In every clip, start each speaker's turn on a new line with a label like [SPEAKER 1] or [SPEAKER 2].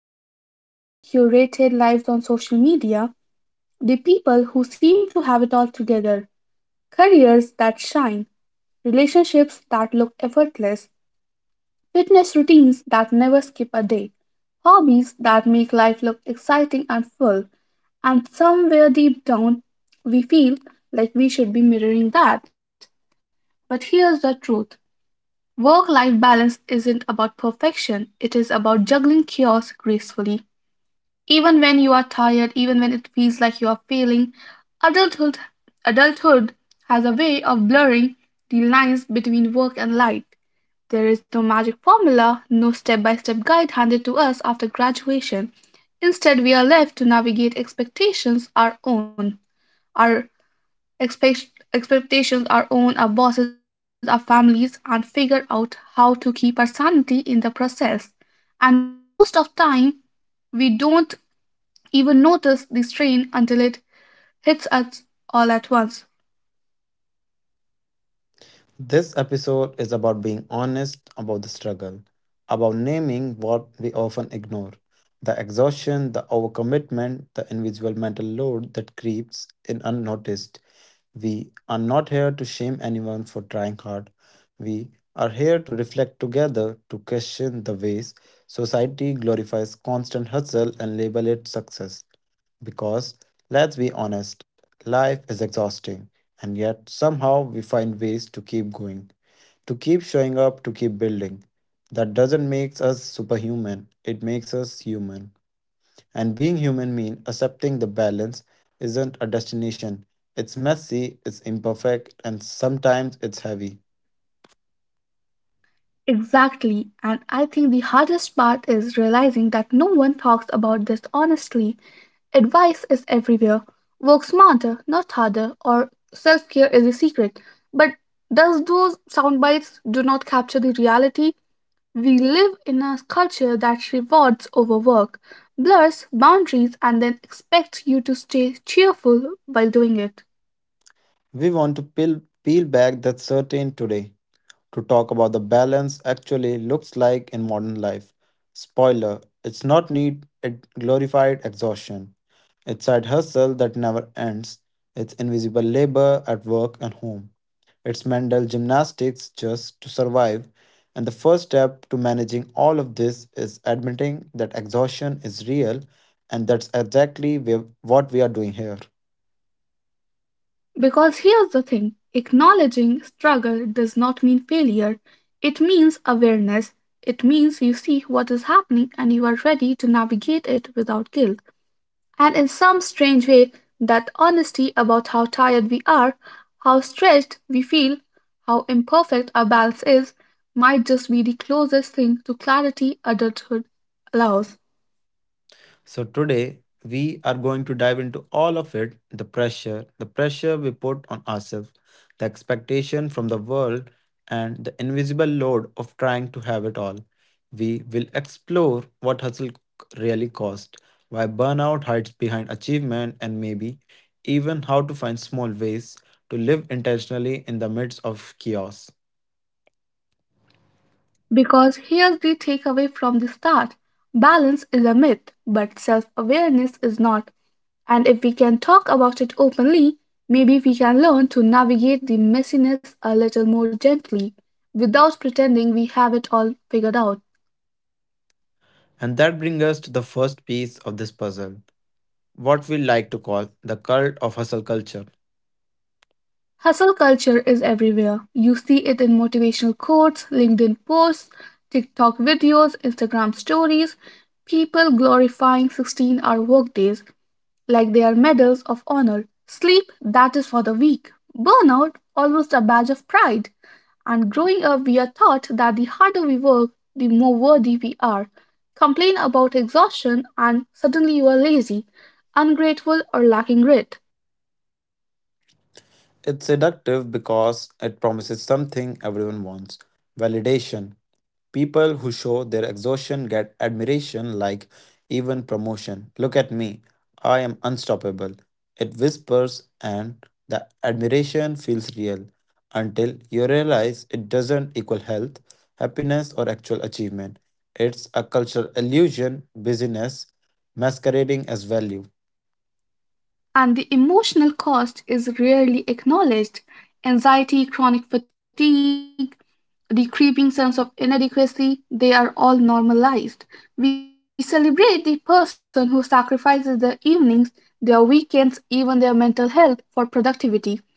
[SPEAKER 1] The perfectly curated lives on social media, the people who seem to have it all together, careers that shine, relationships that look effortless, fitness routines that never skip a day, hobbies that make life look exciting and full, and somewhere deep down, we feel like we should be mirroring that. But here's the truth: work life balance isn't about perfection, it is about juggling chaos gracefully even when you are tired, even when it feels like you are failing. Adulthood adulthood has a way of blurring the lines between work and life. There is no magic formula, no step by step guide handed to us after graduation. Instead, we are left to navigate expectations our own, our expectations our own, our bosses, our families, and figure out how to keep our sanity in the process. And most of time, we don't even notice the strain until it hits us all at once.
[SPEAKER 2] This episode is about being honest about the struggle, about naming what we often ignore, the exhaustion, the overcommitment, the invisible mental load that creeps in unnoticed. We are not here to shame anyone for trying hard. We are here to reflect together, to question the ways society glorifies constant hustle and label it success. Because, let's be honest, life is exhausting, and yet somehow we find ways to keep going to keep showing up, to keep building. That doesn't make us superhuman, it makes us human. And being human means accepting the balance isn't a destination. It's messy, it's imperfect, and sometimes it's heavy.
[SPEAKER 1] Exactly, and I think the hardest part is realizing that no one talks about this honestly. Advice is everywhere. Work smarter, not harder, or self care is a secret. But does those sound bites do not capture the reality? We live in a culture that rewards overwork, blurs boundaries, and then expects you to stay cheerful while doing it.
[SPEAKER 2] We want to peel back that certain today to talk about the balance actually looks like in modern life. Spoiler, it's not need it glorified exhaustion. It's side hustle that never ends. It's invisible labor at work and home. It's mental gymnastics just to survive. And the first step to managing all of this is admitting that exhaustion is real, and that's exactly what we are doing here.
[SPEAKER 1] Because here's the thing: acknowledging struggle does not mean failure, it means awareness. It means you see what is happening and you are ready to navigate it without guilt. And in some strange way, that honesty about how tired we are, how stretched we feel, how imperfect our balance is, might just be the closest thing to clarity adulthood allows.
[SPEAKER 2] So today we are going to dive into all of it, the pressure we put on ourselves, the expectation from the world and the invisible load of trying to have it all. We will explore what hustle really costs, why burnout hides behind achievement and maybe even how to find small ways to live intentionally in the midst of chaos.
[SPEAKER 1] Because here's the takeaway from the start: balance is a myth, but self awareness is not. And if we can talk about it openly, maybe we can learn to navigate the messiness a little more gently without pretending we have it all figured out.
[SPEAKER 2] And that brings us to the first piece of this puzzle, what we like to call the cult of hustle culture.
[SPEAKER 1] Hustle culture is everywhere. You see it in motivational quotes, LinkedIn posts, TikTok videos, Instagram stories, people glorifying 16-hour workdays like their medals of honor, sleep that is for the weak, burnout almost a badge of pride. And growing up, we are taught that the harder we work, the more worthy we are. Complain about exhaustion, and suddenly you are lazy, ungrateful, or lacking grit.
[SPEAKER 2] It's seductive because it promises something everyone wants validation. People who show their exhaustion get admiration, like even promotion. Look at me, I am unstoppable. It whispers, and the admiration feels real until you realize it doesn't equal health, happiness, or actual achievement. It's a cultural illusion, busyness masquerading as value.
[SPEAKER 1] And the emotional cost is rarely acknowledged. Anxiety, chronic fatigue, the creeping sense of inadequacy, they are all normalized. We celebrate the person who sacrifices their evenings, their weekends, even their mental health for productivity.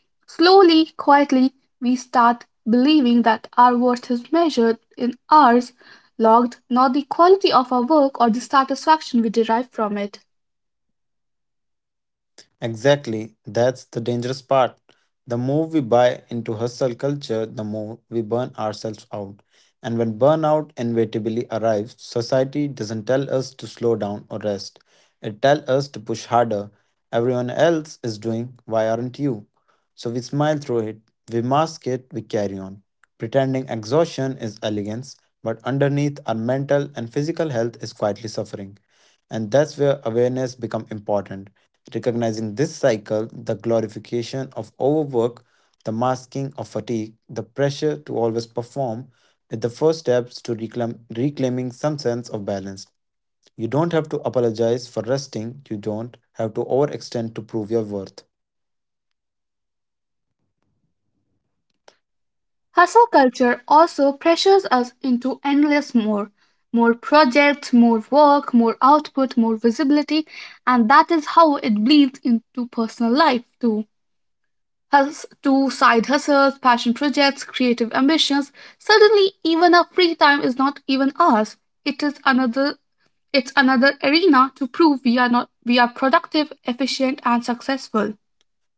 [SPEAKER 1] Slowly, quietly, we start believing that our worth is measured in hours logged, not the quality of our work or the satisfaction we derive from it.
[SPEAKER 2] Exactly, that's the dangerous part. The more we buy into hustle culture, the more we burn ourselves out. And when burnout inevitably arrives, society doesn't tell us to slow down or rest. It tells us to push harder. Everyone else is doing, why aren't you? So we smile through it, we mask it, we carry on. Pretending exhaustion is elegance, but underneath our mental and physical health is quietly suffering. And that's where awareness become important. Recognizing this cycle, the glorification of overwork, the masking of fatigue, the pressure to always perform, is the first steps to reclaiming some sense of balance. You don't have to apologize for resting, you don't have to overextend to prove your worth.
[SPEAKER 1] Hustle culture also pressures us into endless more. More projects, more work, more output, more visibility, and that is how it bleeds into personal life too. To side hustles, passion projects, creative ambitions. Suddenly, even our free time is not even ours. It is another. It's another arena to prove we are not we are productive, efficient, and successful.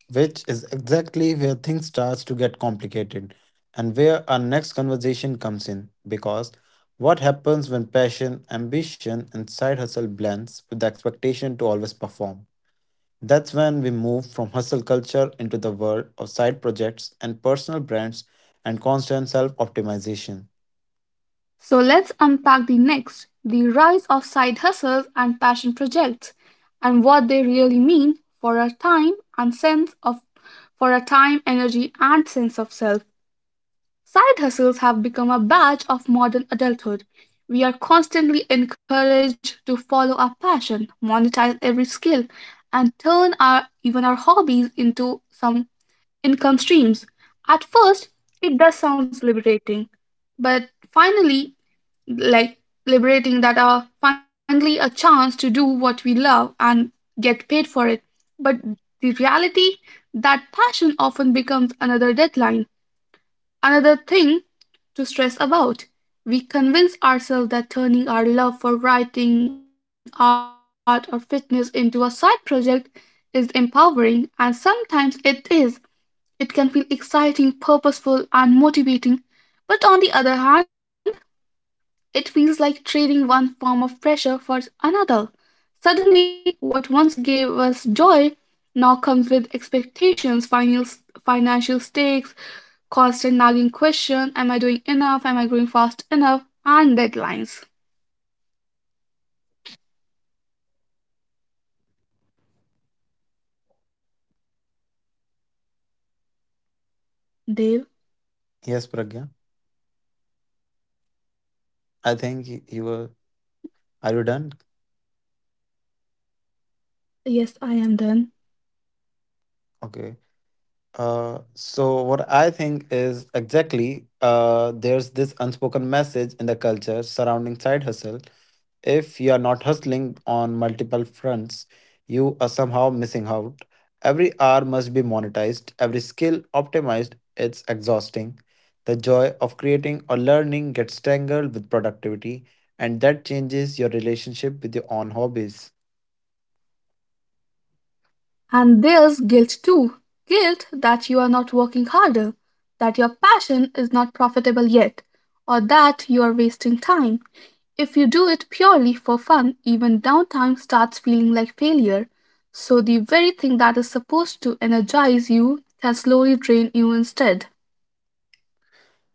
[SPEAKER 2] Which is exactly where things starts to get complicated, and where our next conversation comes in, because what happens when passion ambition and side hustle blends with the expectation to always perform? That's when we move from hustle culture into the world of side projects and personal brands and constant self optimization.
[SPEAKER 1] So let's unpack the next the rise of side hustles and passion projects and what they really mean for our time and sense of for our time, energy and sense of self. Side hustles have become a badge of modern adulthood. We are constantly encouraged to follow our passion, monetize every skill and turn our even our hobbies into some income streams. At first, it does sound liberating, but finally like liberating that are finally a chance to do what we love and get paid for it. But the reality that passion often becomes another deadline, another thing to stress about. We convince ourselves that turning our love for writing, art, or fitness into a side project is empowering, and sometimes it is. It can feel exciting, purposeful, and motivating. But on the other hand, it feels like trading one form of pressure for another. Suddenly, what once gave us joy now comes with expectations, financial stakes, constant nagging question: Am I doing enough? Am I going fast enough? And deadlines. Dave,
[SPEAKER 2] Yes, Pragya. I think you were... Are you done?
[SPEAKER 1] yes, I am done.
[SPEAKER 2] Okay. So what I think is exactly, there's this unspoken message in the culture surrounding side hustle. If you are not hustling on multiple fronts, you are somehow missing out. Every hour must be monetized, every skill optimized. It's exhausting. The joy of creating or learning gets tangled with productivity, and that changes your relationship with your own hobbies.
[SPEAKER 1] And there's guilt too, guilt that you are not working harder, that your passion is not profitable yet, or that you are wasting time. If you do it purely for fun, even downtime starts feeling like failure. So, the very thing that is supposed to energize you can slowly drain you instead.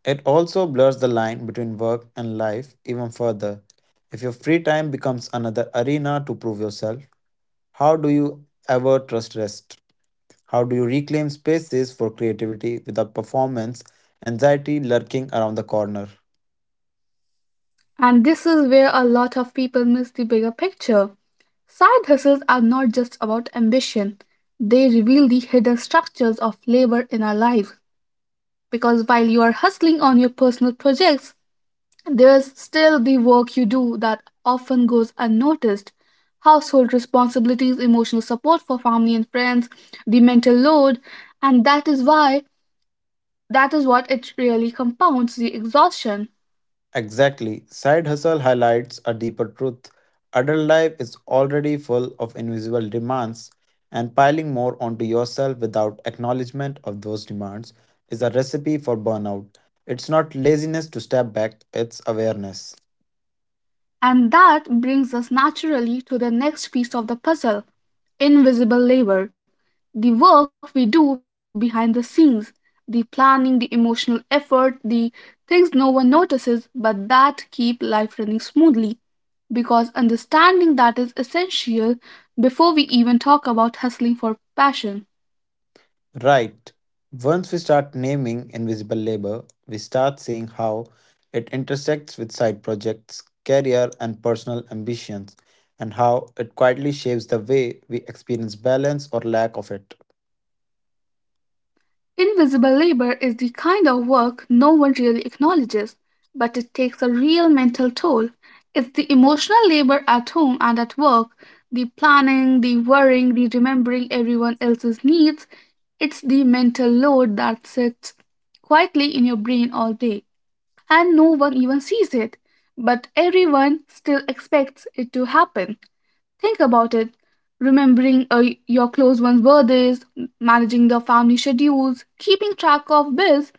[SPEAKER 2] It also blurs the line between work and life even further. If your free time becomes another arena to prove yourself, how do you ever trust rest? How do you reclaim spaces for creativity without performance anxiety lurking around the corner?
[SPEAKER 1] And this is where a lot of people miss the bigger picture. Side hustles are not just about ambition, they reveal the hidden structures of labor in our lives, because while you are hustling on your personal projects, there's still the work you do that often goes unnoticed. Household responsibilities, emotional support for family and friends, the mental load, and that is what it really compounds the exhaustion.
[SPEAKER 2] Exactly. Side hustle highlights a deeper truth. Adult life is already full of invisible demands, and piling more onto yourself without acknowledgement of those demands is a recipe for burnout. It's not laziness to step back, it's awareness.
[SPEAKER 1] And that brings us naturally to the next piece of the puzzle: invisible labor. The work we do behind the scenes, the planning, the emotional effort, the things no one notices, but that keep life running smoothly. Because understanding that is essential before we even talk about hustling for passion.
[SPEAKER 2] Right. Once we start naming invisible labor, we start seeing how it intersects with side projects, career, and personal ambitions, and how it quietly shapes the way we experience balance or lack of it.
[SPEAKER 1] Invisible labor is the kind of work no one really acknowledges, but it takes a real mental toll. It's the emotional labor at home and at work, the planning, the worrying, the remembering everyone else's needs. It's the mental load that sits quietly in your brain all day, and no one even sees it, but everyone still expects it to happen. Think about it: remembering your close ones' birthdays, managing the family schedules, keeping track of bills,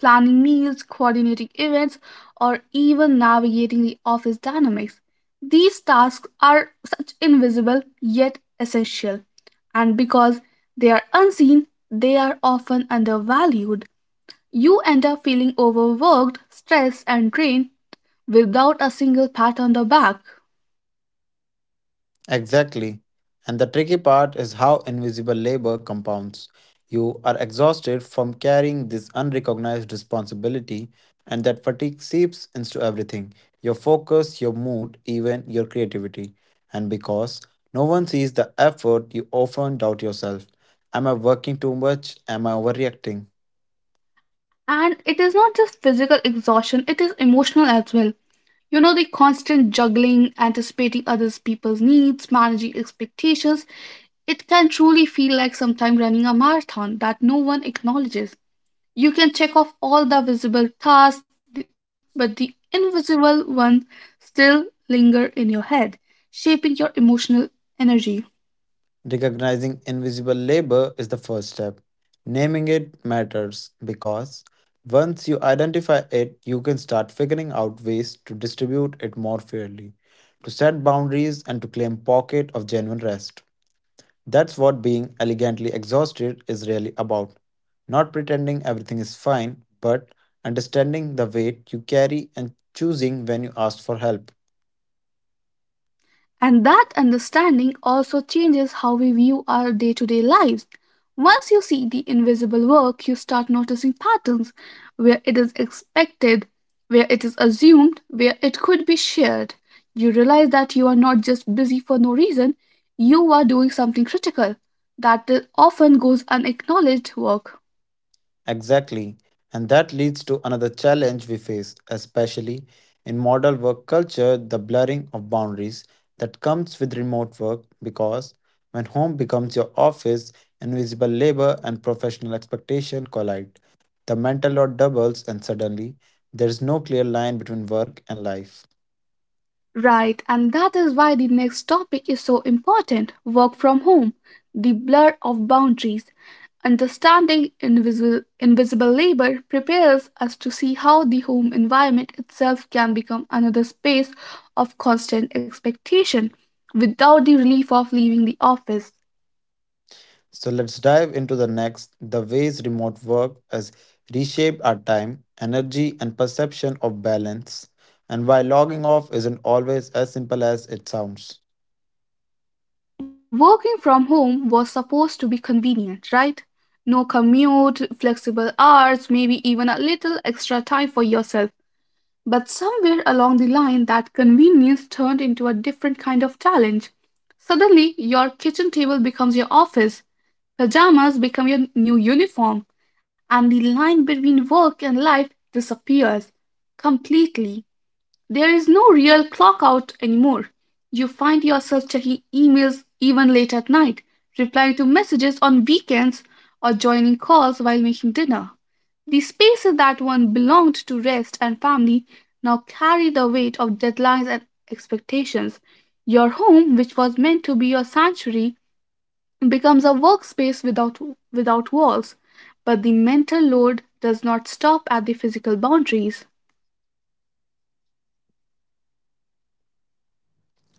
[SPEAKER 1] planning meals, coordinating events, or even navigating the office dynamics. These tasks are such invisible yet essential, and because they are unseen, they are often undervalued. You end up feeling overworked, stressed, and drained without a single pat on the back.
[SPEAKER 2] Exactly. And the tricky part is how invisible labor compounds. You are exhausted from carrying this unrecognized responsibility, and that fatigue seeps into everything your focus, your mood, even your creativity. And because no one sees the effort, you often doubt yourself. Am I working too much? Am I overreacting?
[SPEAKER 1] And it is not just physical exhaustion, it is emotional as well. You know, the constant juggling, anticipating others' people's needs, managing expectations, it can truly feel like sometimes running a marathon that no one acknowledges. You can check off all the visible tasks, but the invisible ones still linger in your head, shaping your emotional energy.
[SPEAKER 2] Recognizing invisible labor is the first step. Naming it matters because once you identify it, you can start figuring out ways to distribute it more fairly, to set boundaries, and to claim pocket of genuine rest. That's what being elegantly exhausted is really about. Not pretending everything is fine, but understanding the weight you carry and choosing when you ask for help.
[SPEAKER 1] And that understanding also changes how we view our day to day lives. Once you see the invisible work, you start noticing patterns where it is expected, where it is assumed, where it could be shared. You realize that you are not just busy for no reason, you are doing something critical that often goes unacknowledged work.
[SPEAKER 2] Exactly. And that leads to another challenge we face, especially in modern work culture, the blurring of boundaries that comes with remote work, because when home becomes your office, invisible labor and professional expectation collide. The mental load doubles, and suddenly there is no clear line between work and life.
[SPEAKER 1] Right, and that is why the next topic is so important: work from home, the blur of boundaries. Understanding invisible labor prepares us to see how the home environment itself can become another space of constant expectation without the relief of leaving the office.
[SPEAKER 2] So let's dive into the next, the ways remote work has reshaped our time, energy, and perception of balance, and why logging off isn't always as simple as it sounds.
[SPEAKER 1] Working from home was supposed to be convenient, right? No commute, flexible hours, maybe even a little extra time for yourself. But somewhere along the line, that convenience turned into a different kind of challenge. Suddenly, your kitchen table becomes your office, pajamas become your new uniform, and the line between work and life disappears completely. There is no real clock out anymore. You find yourself checking emails even late at night, replying to messages on weekends, or joining calls while making dinner. The spaces that once belonged to rest and family now carry the weight of deadlines and expectations. Your home, which was meant to be your sanctuary, becomes a workspace without walls, but the mental load does not stop at the physical boundaries.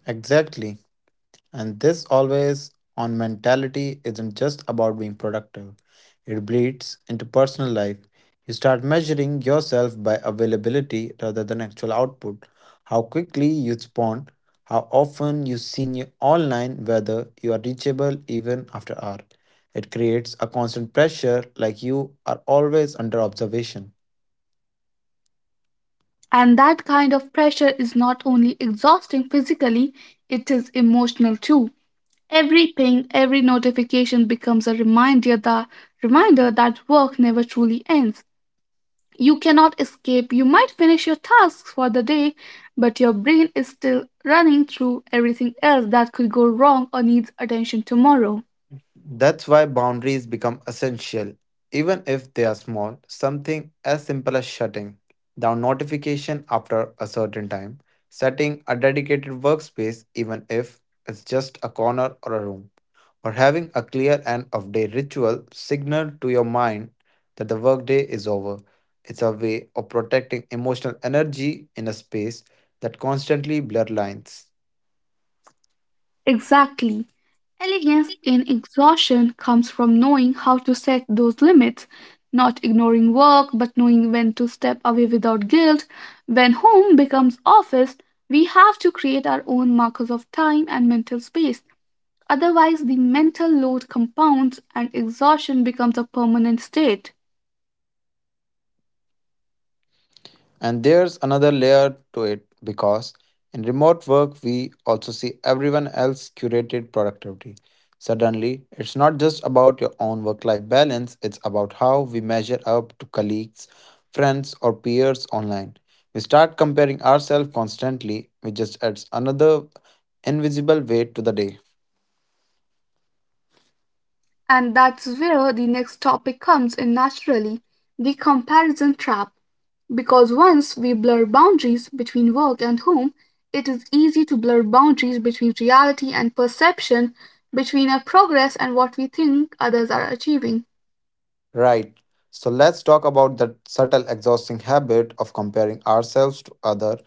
[SPEAKER 2] Exactly. And this always on mentality isn't just about being productive, it bleeds into personal life. You start measuring yourself by availability rather than actual output. How quickly you respond, how often you seen you online, whether you are reachable even after hour. It creates a constant pressure like you are always under observation.
[SPEAKER 1] And that kind of pressure is not only exhausting physically, it is emotional too. Every ping, every notification becomes a reminder that work never truly ends. You cannot escape. You might finish your tasks for the day, but your brain is still running through everything else that could go wrong or needs attention tomorrow.
[SPEAKER 2] That's why boundaries become essential, even if they are small. Something as simple as shutting down notification after a certain time, setting a dedicated workspace, even if it's just a corner or a room, or having a clear end of day ritual signal to your mind that the workday is over. It's a way of protecting emotional energy in a space that constantly blur lines.
[SPEAKER 1] Exactly. Elegance in exhaustion comes from knowing how to set those limits, not ignoring work, but knowing when to step away without guilt. When home becomes office, we have to create our own markers of time and mental space. Otherwise, the mental load compounds and exhaustion becomes a permanent state.
[SPEAKER 2] And there's another layer to it, because in remote work, we also see everyone else's curated productivity. Suddenly, it's not just about your own work life balance, it's about how we measure up to colleagues, friends, or peers online. We start comparing ourselves constantly, which just adds another invisible weight to the day.
[SPEAKER 1] And that's where the next topic comes in naturally: the comparison trap. Because once we blur boundaries between work and home, it is easy to blur boundaries between reality and perception, between our progress and what we think others are achieving.
[SPEAKER 2] Right. So let's talk about that subtle exhausting habit of comparing ourselves to other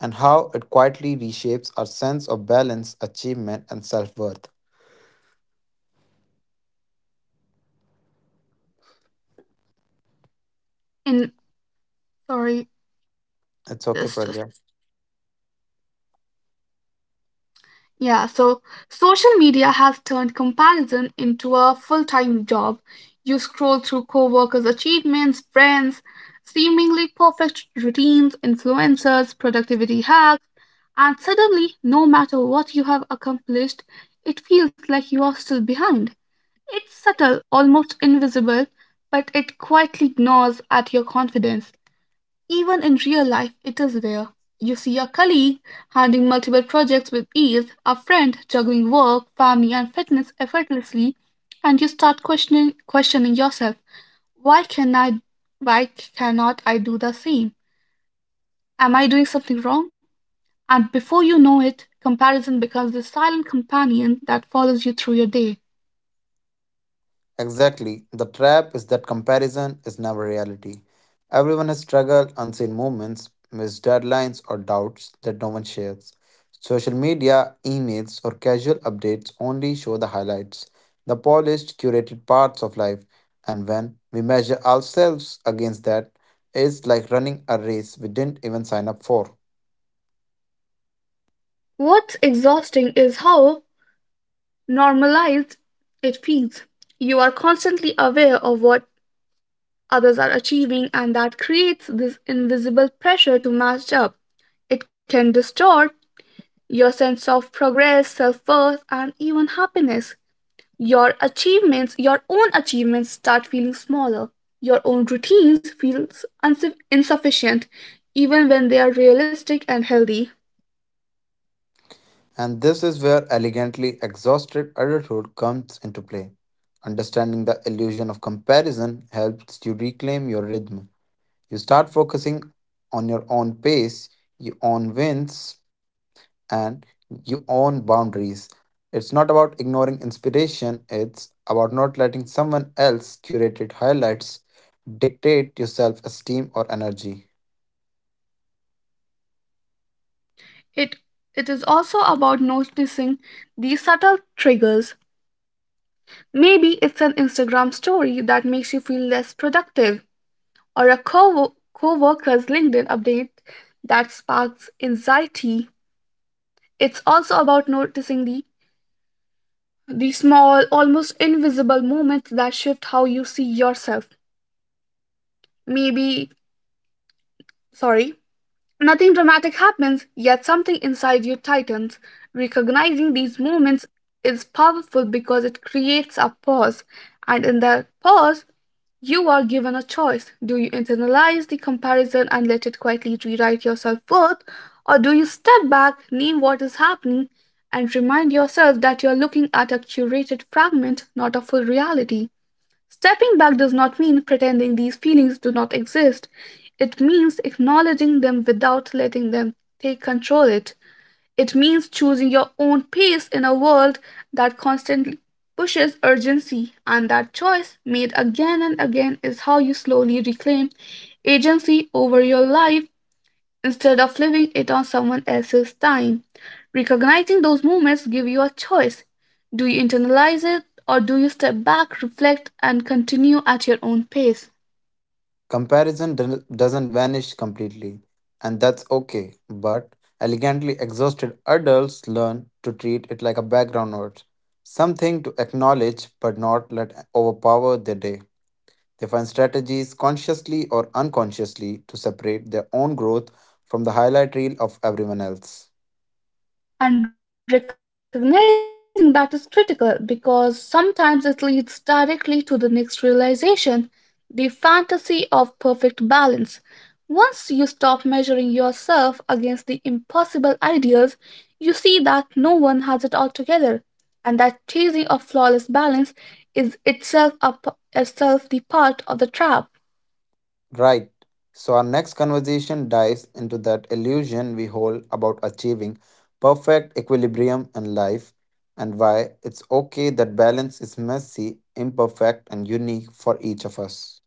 [SPEAKER 2] and how it quietly reshapes our sense of balance, achievement and self-worth.
[SPEAKER 1] In sorry,
[SPEAKER 2] It's okay,
[SPEAKER 1] just a
[SPEAKER 2] Pragya.
[SPEAKER 1] Yeah, so social media has turned comparison into a full time job. You scroll through coworkers' achievements, friends, seemingly perfect routines, influencers, productivity hacks, and suddenly, no matter what you have accomplished, it feels like you are still behind. It's subtle, almost invisible, but it quietly gnaws at your confidence. Even in real life, it is rare. You see a colleague handling multiple projects with ease, a friend juggling work, family, and fitness effortlessly, and you start questioning yourself. Why can I? Why cannot I do the same? Am I doing something wrong? And before you know it, comparison becomes the silent companion that follows you through your day.
[SPEAKER 2] Exactly. The trap is that comparison is never reality. Everyone has struggled, unseen moments, missed deadlines, or doubts that no one shares. Social media, emails, or casual updates only show the highlights, the polished, curated parts of life. And when we measure ourselves against that, it's like running a race we didn't even sign up for.
[SPEAKER 1] What's exhausting is how normalized it feels. You are constantly aware of what others are achieving, and that creates this invisible pressure to match up. It can distort your sense of progress, self worth, and even happiness. Your achievements, your own achievements, start feeling smaller. Your own routines feel insufficient, even when they are realistic and healthy.
[SPEAKER 2] And this is where elegantly exhausted adulthood comes into play. Understanding the illusion of comparison helps you reclaim your rhythm. You start focusing on your own pace, your own wins, and your own boundaries. It's not about ignoring inspiration, it's about not letting someone else's curated highlights dictate your self esteem or energy.
[SPEAKER 1] It it is also about noticing these subtle triggers. Maybe it's an Instagram story that makes you feel less productive or a co-worker's LinkedIn update that sparks anxiety. It's also about noticing the small, almost invisible moments that shift how you see yourself. Maybe, sorry, Nothing dramatic happens, yet something inside you tightens. Recognizing these moments is powerful because it creates a pause, and in that pause, you are given a choice. Do you internalize the comparison and let it quietly rewrite your self worth, or do you step back, name what is happening, and remind yourself that you are looking at a curated fragment, not a full reality? Stepping back does not mean pretending these feelings do not exist, it means acknowledging them without letting them take control it. It means choosing your own pace in a world that constantly pushes urgency, and that choice, made again and again, is how you slowly reclaim agency over your life instead of living it on someone else's time. Recognizing those moments give you a choice. Do you internalize it or do you step back, reflect and continue at your own pace?
[SPEAKER 2] Comparison doesn't vanish completely, and that's okay, but elegantly exhausted adults learn to treat it like a background noise, something to acknowledge but not let overpower their day. They find strategies consciously or unconsciously to separate their own growth from the highlight reel of everyone else.
[SPEAKER 1] And recognizing that is critical because sometimes it leads directly to the next realization: the fantasy of perfect balance. Once you stop measuring yourself against the impossible ideals, you see that no one has it all together, and that chasing of flawless balance is itself the part of the trap.
[SPEAKER 2] Right. So, our next conversation dives into that illusion we hold about achieving perfect equilibrium in life and why it's okay that balance is messy, imperfect, and unique for each of us.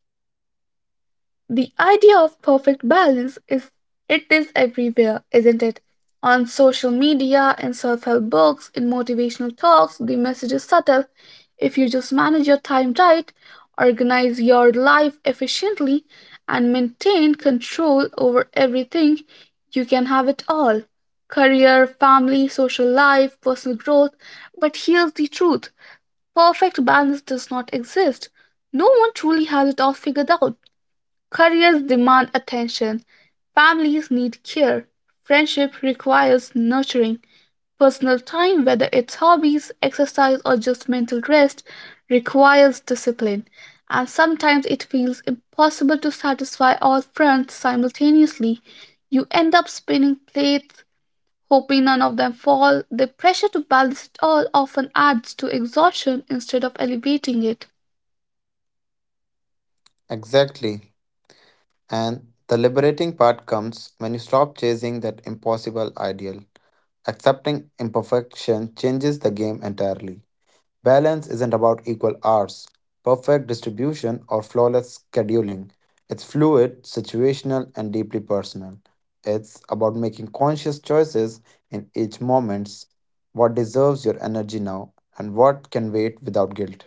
[SPEAKER 1] The idea of perfect balance is it is everywhere, isn't it? On social media, in self-help books, in motivational talks, the message is subtle. If you just manage your time right, organize your life efficiently, and maintain control over everything, you can have it all. Career, family, social life, personal growth. But here's the truth. Perfect balance does not exist. No one truly has it all figured out. Careers demand attention, families need care, friendship requires nurturing, personal time, whether it's hobbies, exercise, or just mental rest, requires discipline. And sometimes it feels impossible to satisfy all fronts simultaneously. You end up spinning plates, hoping none of them fall. The pressure to balance it all often adds to exhaustion instead of elevating it.
[SPEAKER 2] Exactly. And the liberating part comes when you stop chasing that impossible ideal. Accepting imperfection changes the game entirely. Balance isn't about equal hours, perfect distribution, or flawless scheduling. It's fluid, situational, and deeply personal. It's about making conscious choices in each moment, what deserves your energy now and what can wait without guilt.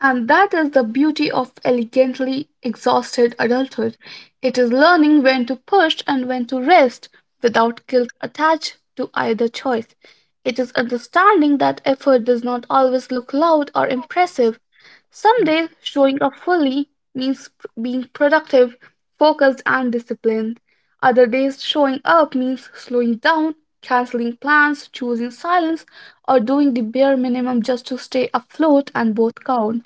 [SPEAKER 1] And that is the beauty of elegantly exhausted adulthood. It is learning when to push and when to rest without guilt attached to either choice. It is understanding that effort does not always look loud or impressive. Someday, showing up fully means being productive, focused, and disciplined. Other days, showing up means slowing down, canceling plans, choosing silence, or doing the bare minimum just to stay afloat, and both count.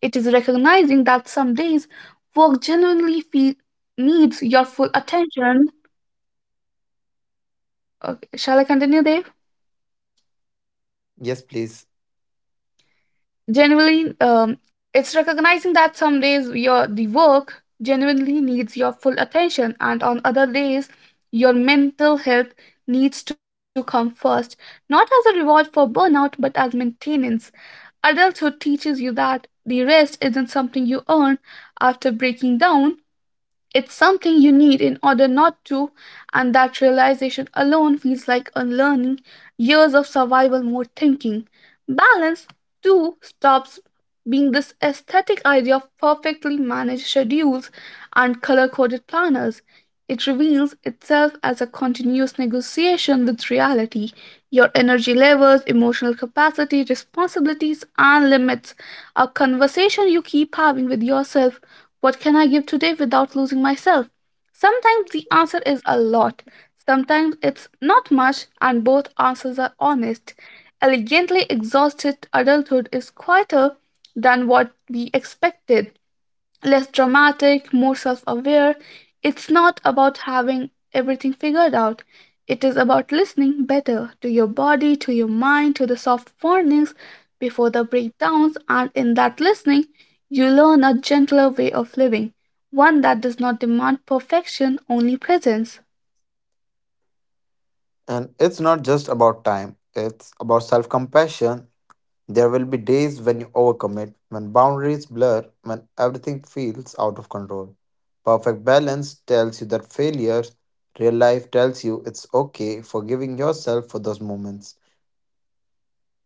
[SPEAKER 1] It is recognizing that some days work genuinely feel,
[SPEAKER 2] And it's not
[SPEAKER 1] needs
[SPEAKER 2] about
[SPEAKER 1] your
[SPEAKER 2] time,
[SPEAKER 1] full attention. Okay, shall I continue, Dave?
[SPEAKER 2] yes, please.
[SPEAKER 1] Genuinely, it's recognizing that some days your the work genuinely needs your full attention, and on other days, your mental health needs to come first, not as a reward for burnout, but as maintenance. Adulthood teaches you that the rest isn't something you earn after breaking down. It's something you need in order not to, and that realization alone feels like unlearning years of survival mode thinking. Balance, too, stops being this aesthetic idea of perfectly managed schedules and color coded planners. It reveals itself as a continuous negotiation with reality, your energy levels, emotional capacity, responsibilities, and limits, a conversation you keep having with yourself: what can I give today without losing myself? Sometimes the answer is a lot, sometimes it's not much, and both answers are honest. Elegantly exhausted adulthood is quieter than what we expected, less dramatic, more self aware. It's not about having everything figured out. It is about listening better to your body, to your mind, to the soft warnings before the breakdowns. And in that listening, you learn a gentler way of living, one that does not demand perfection, only presence.
[SPEAKER 2] And it's not just about time, it's about self compassion. There will be days when you overcommit, when boundaries blur, when everything feels out of control. Perfect balance tells you that failure, real life tells you it's okay forgiving yourself for those moments.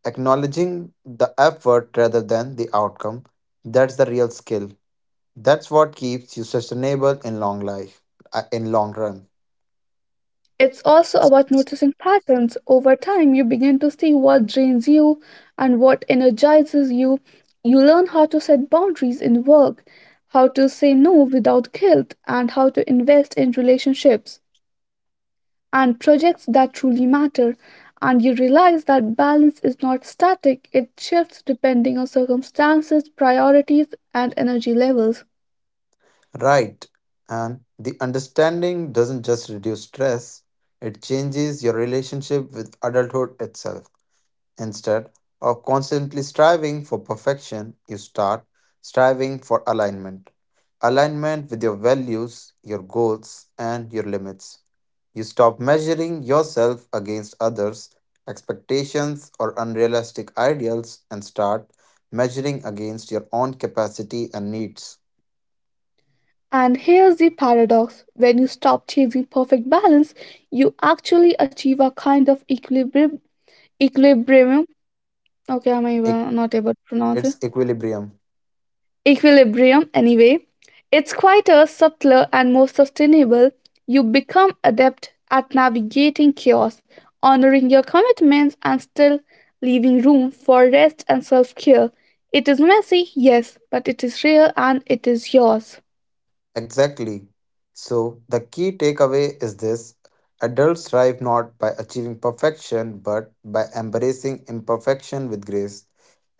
[SPEAKER 2] Acknowledging the effort rather than the outcome, that's the real skill. That's what keeps you sustainable in long life, in long run.
[SPEAKER 1] It's also about noticing patterns. Over time, you begin to see what drains you and what energizes you. You learn how to set boundaries in work, how to say no without guilt, and how to invest in relationships and projects that truly matter. And you realize that balance is not static, it shifts depending on circumstances, priorities, and energy levels.
[SPEAKER 2] Right. And the understanding doesn't just reduce stress, it changes your relationship with adulthood itself. Instead of constantly striving for perfection, you start striving for alignment. Alignment with your values, your goals, and your limits. You stop measuring yourself against others' expectations or unrealistic ideals and start measuring against your own capacity and needs.
[SPEAKER 1] And here's the paradox: when you stop chasing perfect balance, you actually achieve a kind of equilibrium. Equilibrium, okay, I'm
[SPEAKER 2] Eq-
[SPEAKER 1] even not able to pronounce it.
[SPEAKER 2] It's equilibrium.
[SPEAKER 1] Equilibrium, anyway. It's quieter, subtler, and more sustainable. You become adept at navigating chaos, honoring your commitments, and still leaving room for rest and self care. It is messy, yes, but it is real and it is yours.
[SPEAKER 2] Exactly. So, the key takeaway is this, adults thrive not by achieving perfection but by embracing imperfection with grace.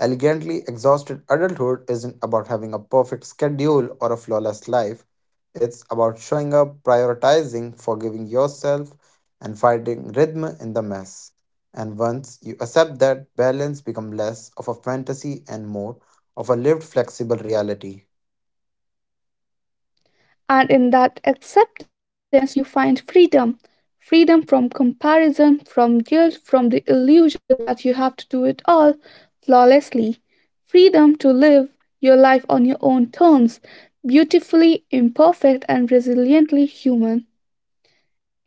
[SPEAKER 2] Elegantly exhausted adulthood isn't about having a perfect schedule or a flawless life, it's about showing up, prioritizing, forgiving yourself, and finding rhythm in the mess. And once you accept that, balance becomes less of a fantasy and more of a lived, flexible reality.
[SPEAKER 1] And in that acceptance, you find freedom, freedom from comparison, from guilt, from the illusion that you have to do it all flawlessly, freedom to live your life on your own terms, beautifully imperfect and resiliently human.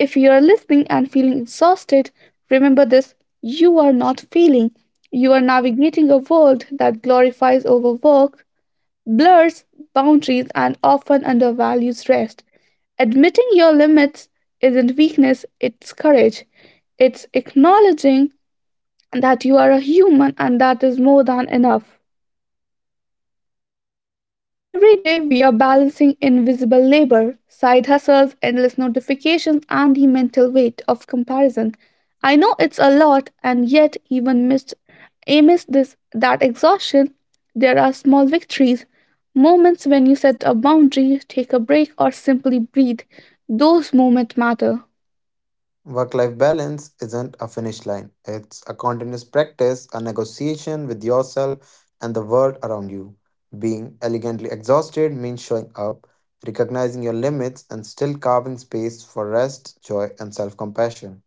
[SPEAKER 1] If you are listening and feeling exhausted, remember this: you are not failing. You are navigating a world that glorifies overwork, blurs boundaries, and often undervalues rest. Admitting your limits isn't weakness, it's courage. It's acknowledging that you are a human and that is more than enough. Every day, we are balancing invisible labor, side hustles, endless notifications, and the mental weight of comparison. I know it's a lot, and yet, amidst this, that exhaustion, there are small victories, moments when you set a boundary, take a break, or simply breathe. Those moments matter.
[SPEAKER 2] Work life balance isn't a finish line, it's a continuous practice, a negotiation with yourself and the world around you. Being elegantly exhausted means showing up, recognizing your limits, and still carving space for rest, joy, and self compassion.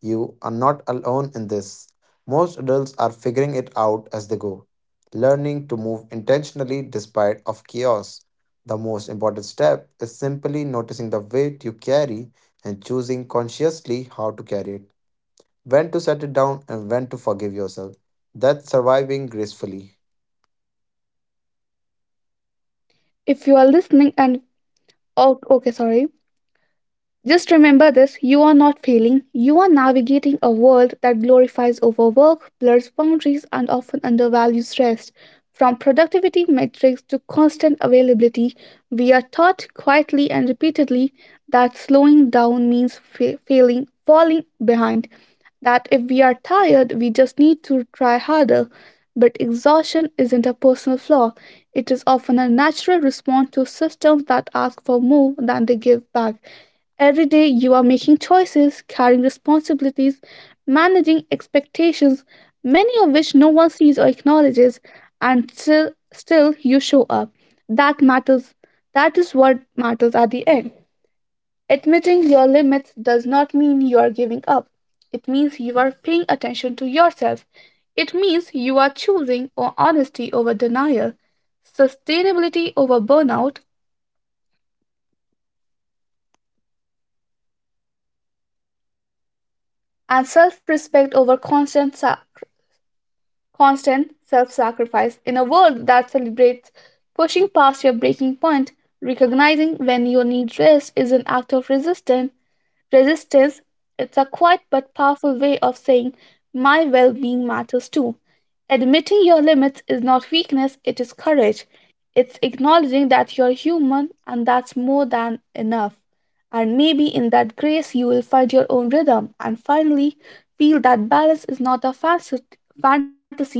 [SPEAKER 2] You are not alone in this. Most adults are figuring it out as they go, learning to move intentionally despite of chaos. The most important step is simply noticing the weight you carry and choosing consciously how to carry it, when to set it down and when to forgive yourself. That's surviving gracefully.
[SPEAKER 1] If you are listening and oh, okay, sorry. Just remember this: you are not failing. You are navigating a world that glorifies overwork, blurs boundaries, and often undervalues rest. From productivity metrics to constant availability, we are taught quietly and repeatedly that slowing down means failing, falling behind, that if we are tired, we just need to try harder. But exhaustion isn't a personal flaw, it is often a natural response to systems that ask for more than they give back. Every day, you are making choices, carrying responsibilities, managing expectations, many of which no one sees or acknowledges, and still you show up. That matters. That is what matters at the end. Admitting your limits does not mean you are giving up. It means you are paying attention to yourself. It means you are choosing honesty over denial, sustainability over burnout, and self respect over constant self sacrifice. In a world that celebrates pushing past your breaking point, recognizing when you need rest is an act of resistance. It's a quiet but powerful way of saying, my well being matters too. Admitting your limits is not weakness, it is courage. It's acknowledging that you're human and that's more than enough. And maybe in that grace, you will find your own rhythm and finally feel that balance is not a fantasy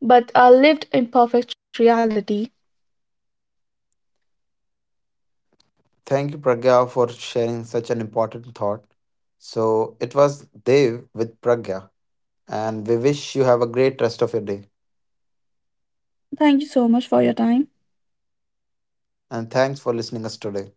[SPEAKER 1] but a lived imperfect reality.
[SPEAKER 2] Thank you, Pragya, for sharing such an important thought. So it was Dev with Pragya, and we wish you have a great rest of your day.
[SPEAKER 1] Thank you so much for your time.
[SPEAKER 2] And thanks for listening us today.